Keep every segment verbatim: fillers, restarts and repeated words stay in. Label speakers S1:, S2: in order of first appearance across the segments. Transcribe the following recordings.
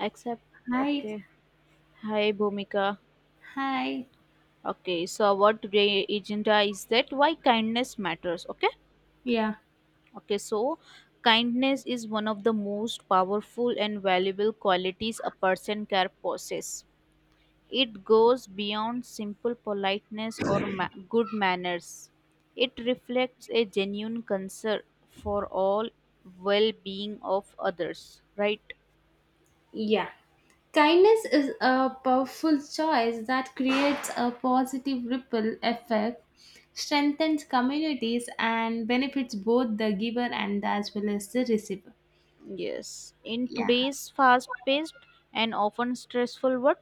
S1: Except,
S2: Hi,
S1: okay. Hi, Bhumika.
S2: hi.
S1: Okay, so what today agenda is that why kindness matters. Okay,
S2: Yeah.
S1: okay. So, kindness is one of the most powerful and valuable qualities a person can possess. It goes beyond simple politeness or ma- good manners. It reflects a genuine concern for all well-being of others. Right?
S2: Yeah. Kindness is a powerful choice that creates a positive ripple effect, strengthens communities, and benefits both the giver and as well as the receiver.
S1: Yes. In
S2: Yeah.
S1: today's fast-paced and often stressful world,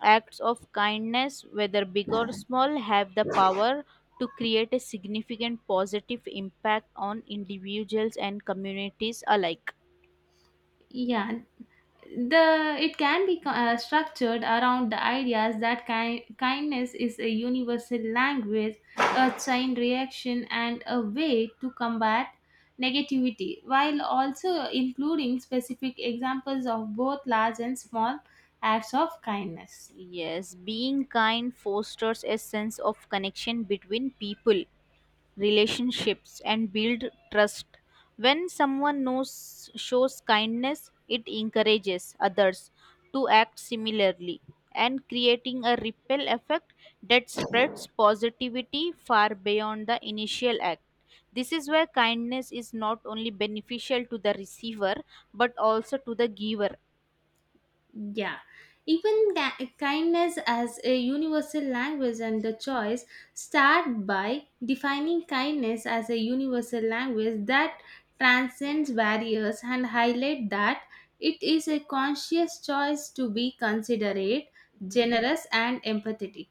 S1: acts of kindness, whether big or small, have the power to create a significant positive impact on individuals and communities alike.
S2: Yeah. the it can be uh, structured around the ideas that ki- kindness is a universal language, a chain reaction, and a way to combat negativity, while also including specific examples of both large and small acts of kindness.
S1: Yes, being kind fosters a sense of connection between people, relationships and build trust. When someone knows shows kindness, it encourages others to act similarly and creating a ripple effect that spreads positivity far beyond the initial act. This is where kindness is not only beneficial to the receiver but also to the giver.
S2: Yeah, even ga- kindness as a universal language and the choice, start by defining kindness as a universal language that transcends barriers and highlight that it is a conscious choice to be considerate, generous, and empathetic.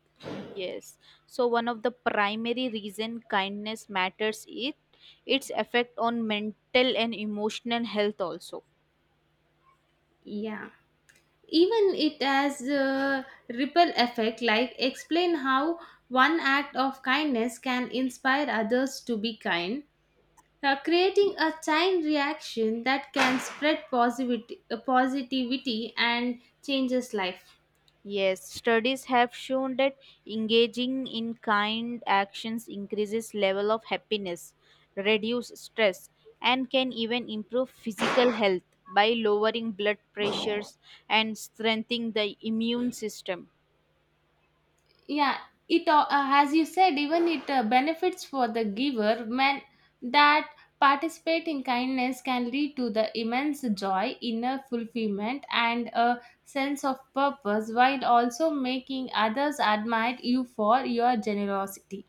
S1: Yes. So one of the primary reason kindness matters is its effect on mental and emotional health also.
S2: Yeah. Even it has a ripple effect, like explain how one act of kindness can inspire others to be kind, uh, creating a chain reaction that can spread positivity, uh, positivity and changes life.
S1: Yes, studies have shown that engaging in kind actions increases level of happiness, reduce stress and can even improve physical health by lowering blood pressures and strengthening the immune system.
S2: Yeah, it uh, as you said, even it uh, benefits for the giver, when that participate in kindness, can lead to the immense joy, inner fulfillment, and a sense of purpose, while also making others admire you for your generosity.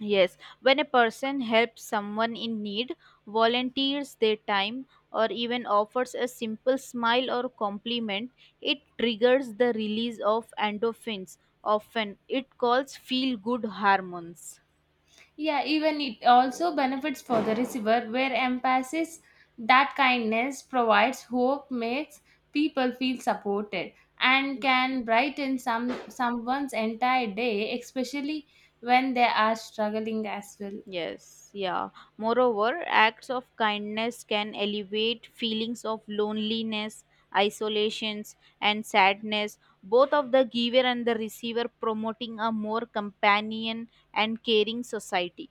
S1: Yes, when a person helps someone in need, volunteers their time, or even offers a simple smile or compliment, it triggers the release of endorphins. Often, it calls feel good hormones.
S2: Yeah, even it also benefits for the receiver, where emphasis that kindness provides hope, makes people feel supported, and can brighten some someone's entire day, especially when they are struggling as well.
S1: Yes, yeah. Moreover, acts of kindness can alleviate feelings of loneliness, isolations, and sadness, both of the giver and the receiver, promoting a more companion and caring society.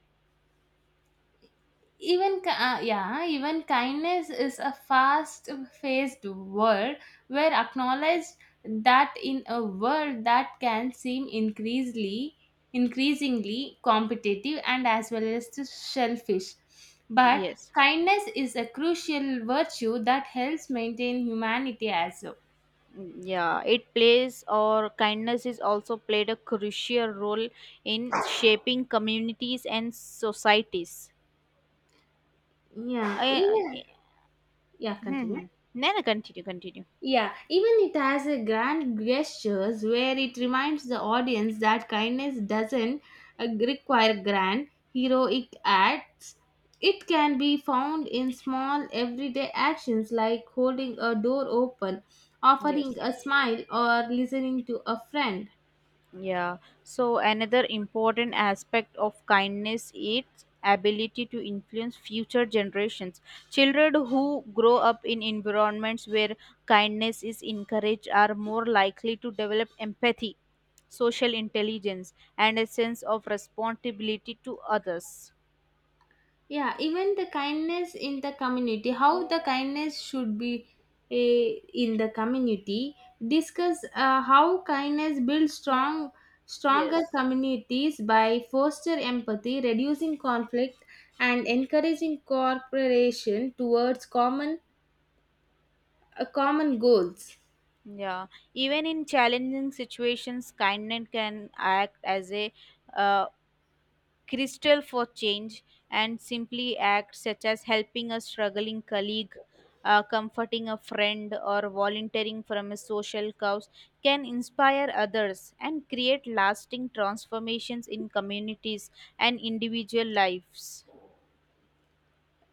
S2: Even ki- uh, yeah, even kindness is a fast-paced world where acknowledged that in a world that can seem increasingly increasingly competitive and as well as to selfish. But
S1: Yes.
S2: kindness is a crucial virtue that helps maintain humanity as well.
S1: Mm, yeah, it plays or kindness is also played a crucial role in shaping communities and societies.
S2: Yeah,
S1: I, I
S2: even yeah,
S1: hmm.
S2: continue.
S1: hmm. No, no, continue, continue.
S2: Yeah, even it has a grand gestures where it reminds the audience that kindness doesn't uh, require grand heroic acts. It can be found in small everyday actions like holding a door open, offering
S1: Yes.
S2: a smile, or listening to a friend.
S1: Yeah. So another important aspect of kindness is ability to influence future generations. Children who grow up in environments where kindness is encouraged are more likely to develop empathy, social intelligence, and a sense of responsibility to others.
S2: Yeah, even the kindness in the community, how the kindness should be, eh, in the community, discuss uh, how kindness builds strong stronger
S1: Yes.
S2: communities by foster empathy, reducing conflict, and encouraging cooperation towards common uh, common goals.
S1: Yeah. Even in challenging situations, kindness can act as a uh, Crystal for change and simply acts such as helping a struggling colleague, uh, comforting a friend, or volunteering from a social cause can inspire others and create lasting transformations in communities and individual lives.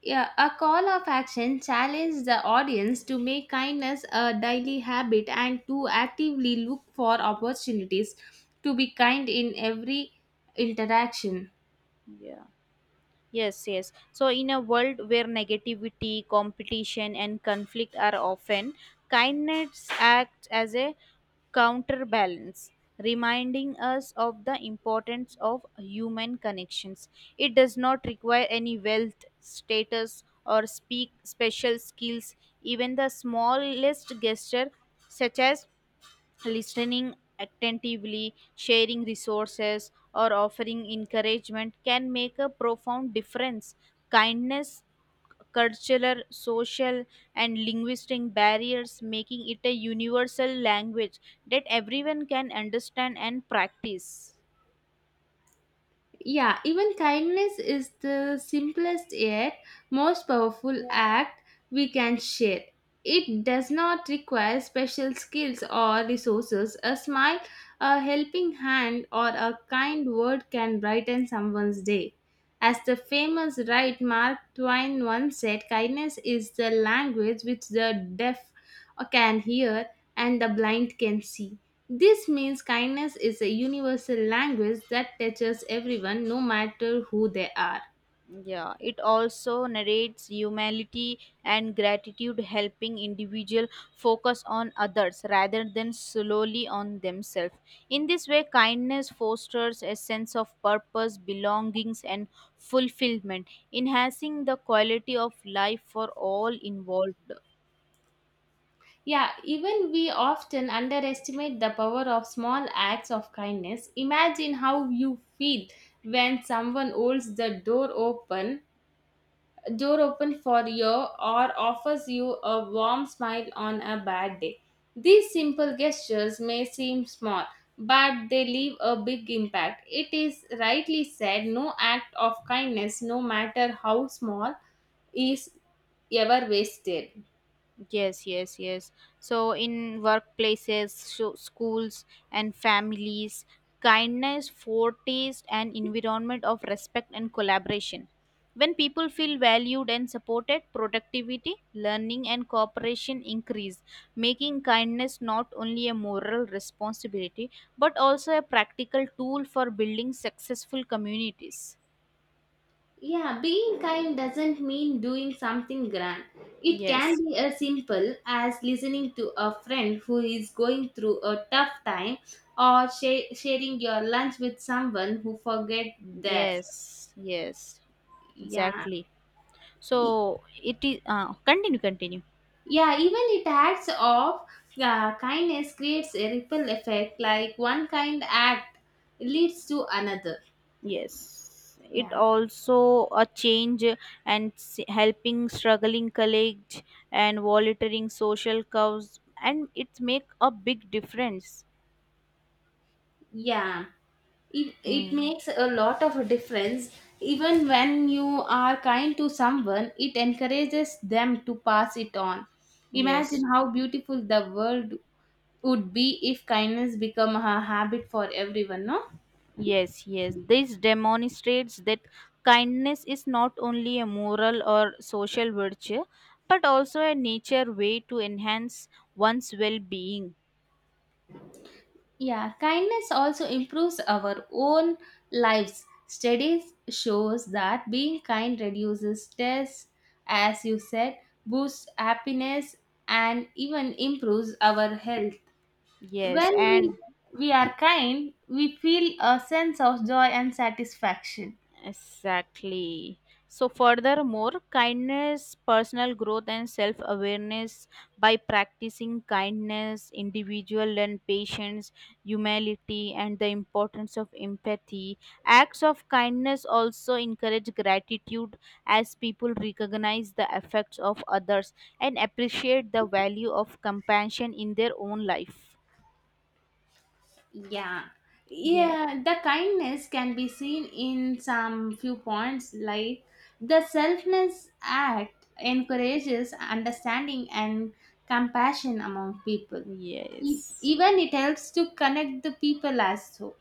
S2: Yeah, a call of action challenged the audience to make kindness a daily habit and to actively look for opportunities to be kind in every interaction.
S1: Yeah. Yes, yes. So, in a world where negativity, competition, and conflict are often, kindness acts as a counterbalance, reminding us of the importance of human connections. It does not require any wealth, status, or speak special skills. Even the smallest gesture, such as listening attentively, sharing resources, or offering encouragement, can make a profound difference. Kindness cultural, social, and linguistic barriers, making it a universal language that everyone can understand and practice.
S2: Yeah, even kindness is the simplest yet most powerful act we can share. It does not require special skills or resources. A smile, a helping hand, or a kind word can brighten someone's day. As the famous writer Mark Twain once said, kindness is the language which the deaf can hear and the blind can see. This means kindness is a universal language that touches everyone, no matter who they are.
S1: Yeah, it also narrates humanity and gratitude, helping individual focus on others rather than solely on themselves. In this way, kindness fosters a sense of purpose, belongings, and fulfillment, enhancing the quality of life for all involved.
S2: Yeah, even we often underestimate the power of small acts of kindness. Imagine how you feel when someone holds the door open door open for you, or offers you a warm smile on a bad day. These simple gestures may seem small, but they leave a big impact. It is rightly said, no act of kindness, no matter how small, is ever wasted.
S1: Yes, yes, yes. So, in workplaces, so schools, and families, kindness, foretaste, an environment of respect and collaboration. When people feel valued and supported, productivity, learning, and cooperation increase, making kindness not only a moral responsibility but also a practical tool for building successful communities.
S2: Yeah, being kind doesn't mean doing something grand. It
S1: Yes,
S2: can be as simple as listening to a friend who is going through a tough time, or sha- sharing your lunch with someone who forget theirs.
S1: yes, yes,
S2: Yeah.
S1: exactly.
S2: E-
S1: So it is uh, continue continue.
S2: Yeah, even it acts of uh, kindness creates a ripple effect, like one kind act leads to another.
S1: Yes, it
S2: Yeah.
S1: also a change and s- helping struggling colleagues and volunteering social cause and it make a big difference.
S2: Yeah. it, it
S1: Hmm.
S2: makes a lot of a difference. Even when you are kind to someone, it encourages them to pass it on.
S1: Yes,
S2: Imagine how beautiful the world would be if kindness become a habit for everyone. No,
S1: yes, yes. This demonstrates that kindness is not only a moral or social virtue, but also a nature way to enhance one's well-being.
S2: yeah, kindness also improves our own lives. Studies shows that being kind reduces stress, as you said, boosts happiness, and even improves our health.
S1: Yes,
S2: When we,
S1: and
S2: we are kind, we feel a sense of joy and satisfaction.
S1: exactly. So, furthermore, kindness, personal growth, and self awareness by practicing kindness, individual and patience, humility, and the importance of empathy. Acts of kindness also encourage gratitude as people recognize the effects of others and appreciate the value of compassion in their own life.
S2: Yeah.
S1: Yeah,
S2: Yeah, the kindness can be seen in some few points, like the selfless act encourages understanding and compassion among people. E-
S1: yes.
S2: Even it helps to connect the people as so.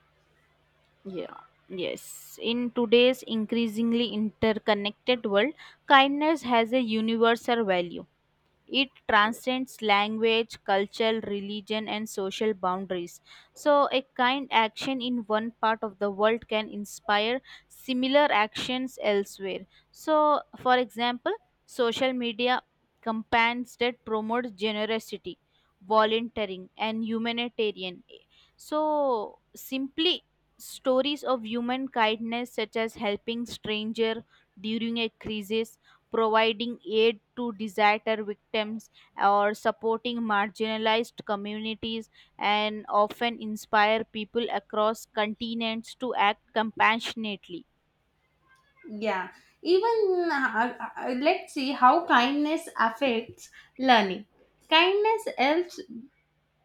S1: Yeah, yes. In today's increasingly interconnected world, kindness has a universal value. It transcends language, culture, religion, and social boundaries. So, a kind action in one part of the world can inspire similar actions elsewhere. So, for example, social media campaigns that promote generosity, volunteering, and humanitarian. So, simply stories of human kindness, such as helping stranger during a crisis, providing aid to disaster victims, or supporting marginalized communities and often inspire people across continents to act compassionately.
S2: Yeah, even uh, uh, let's see how kindness affects learning. Kindness helps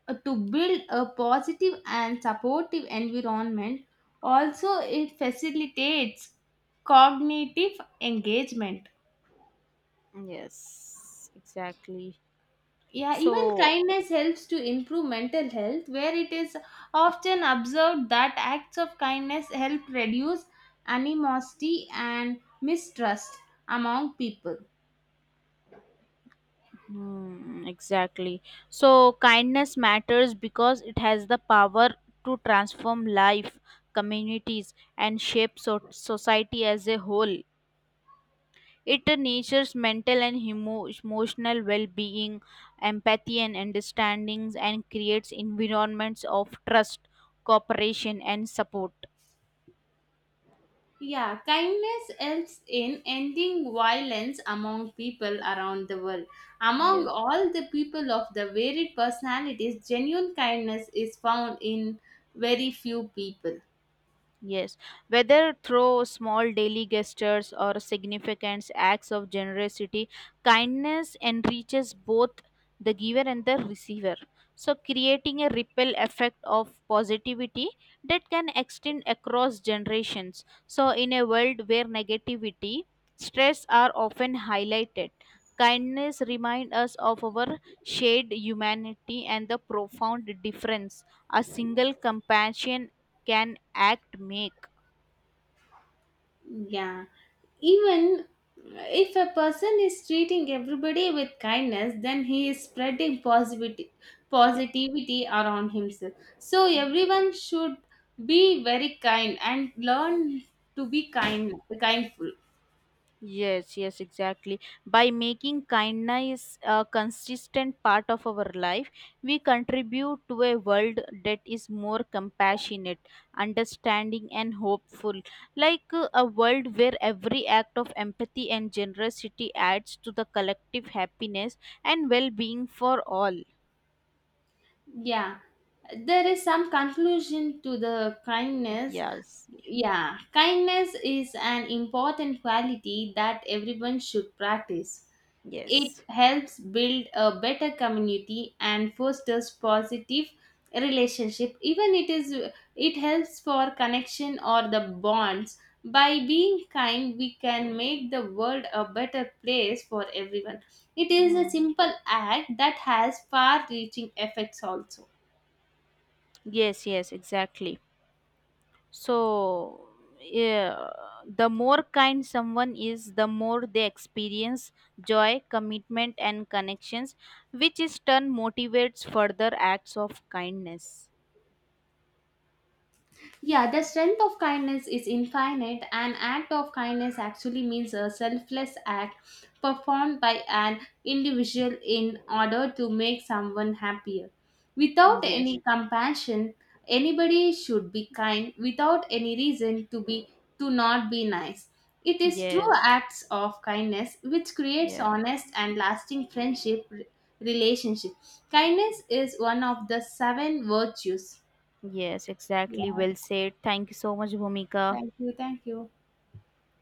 S2: uh, to build a positive and supportive environment. Also, it facilitates cognitive engagement.
S1: Yes, exactly.
S2: Yeah, even
S1: So
S2: kindness helps to improve mental health, where it is often observed that acts of kindness help reduce animosity and mistrust among people.
S1: hmm, exactly. So kindness matters because it has the power to transform life, communities and shape so- society as a whole. It nurtures mental and emo- emotional well-being, empathy and understandings, and creates environments of trust, cooperation, and support.
S2: Yeah, kindness helps in ending violence among people around the world. Among
S1: Yes.
S2: all the people of the varied personalities, genuine kindness is found in very few people.
S1: Yes, whether through small daily gestures or significant acts of generosity, kindness enriches both the giver and the receiver. So, creating a ripple effect of positivity that can extend across generations. So, in a world where negativity, stress are often highlighted, kindness reminds us of our shared humanity and the profound difference a single compassion can act make.
S2: Yeah, even if a person is treating everybody with kindness, then he is spreading positivity,
S1: Yeah,
S2: positivity around himself. So,
S1: mm.
S2: everyone should be very kind and learn to be kind, kindful.
S1: Yes, yes, exactly. By making kindness a consistent part of our life we contribute to a world that is more compassionate, understanding and hopeful, like uh, a world where every act of empathy and generosity adds to the collective happiness and well-being for all.
S2: Yeah, there is some conclusion to the kindness.
S1: Yes,
S2: Yeah, kindness is an important quality that everyone should practice. It
S1: yes.
S2: helps build a better community and fosters positive relationship. Even it is it helps for connection or the bonds. By being kind, we can make the world a better place for everyone. It is
S1: Hmm.
S2: a simple act that has far-reaching effects also.
S1: Yes, yes, exactly. So, yeah, the more kind someone is, the more they experience joy, commitment, and connections, which is turn motivates further acts of kindness.
S2: Yeah, the strength of kindness is infinite. An act of kindness actually means a selfless act performed by an individual in order to make someone happier.
S1: Mm,
S2: Without
S1: yes,
S2: any compassion, anybody should be kind without any reason to be to not be nice. It is true
S1: yes,
S2: acts of kindness which creates
S1: yeah,
S2: honest and lasting friendship re- relationship. Kindness is one of the seven virtues.
S1: yes, exactly.
S2: Yeah.
S1: Well said. Thank you so much, Bhumika.
S2: Thank you. Thank you.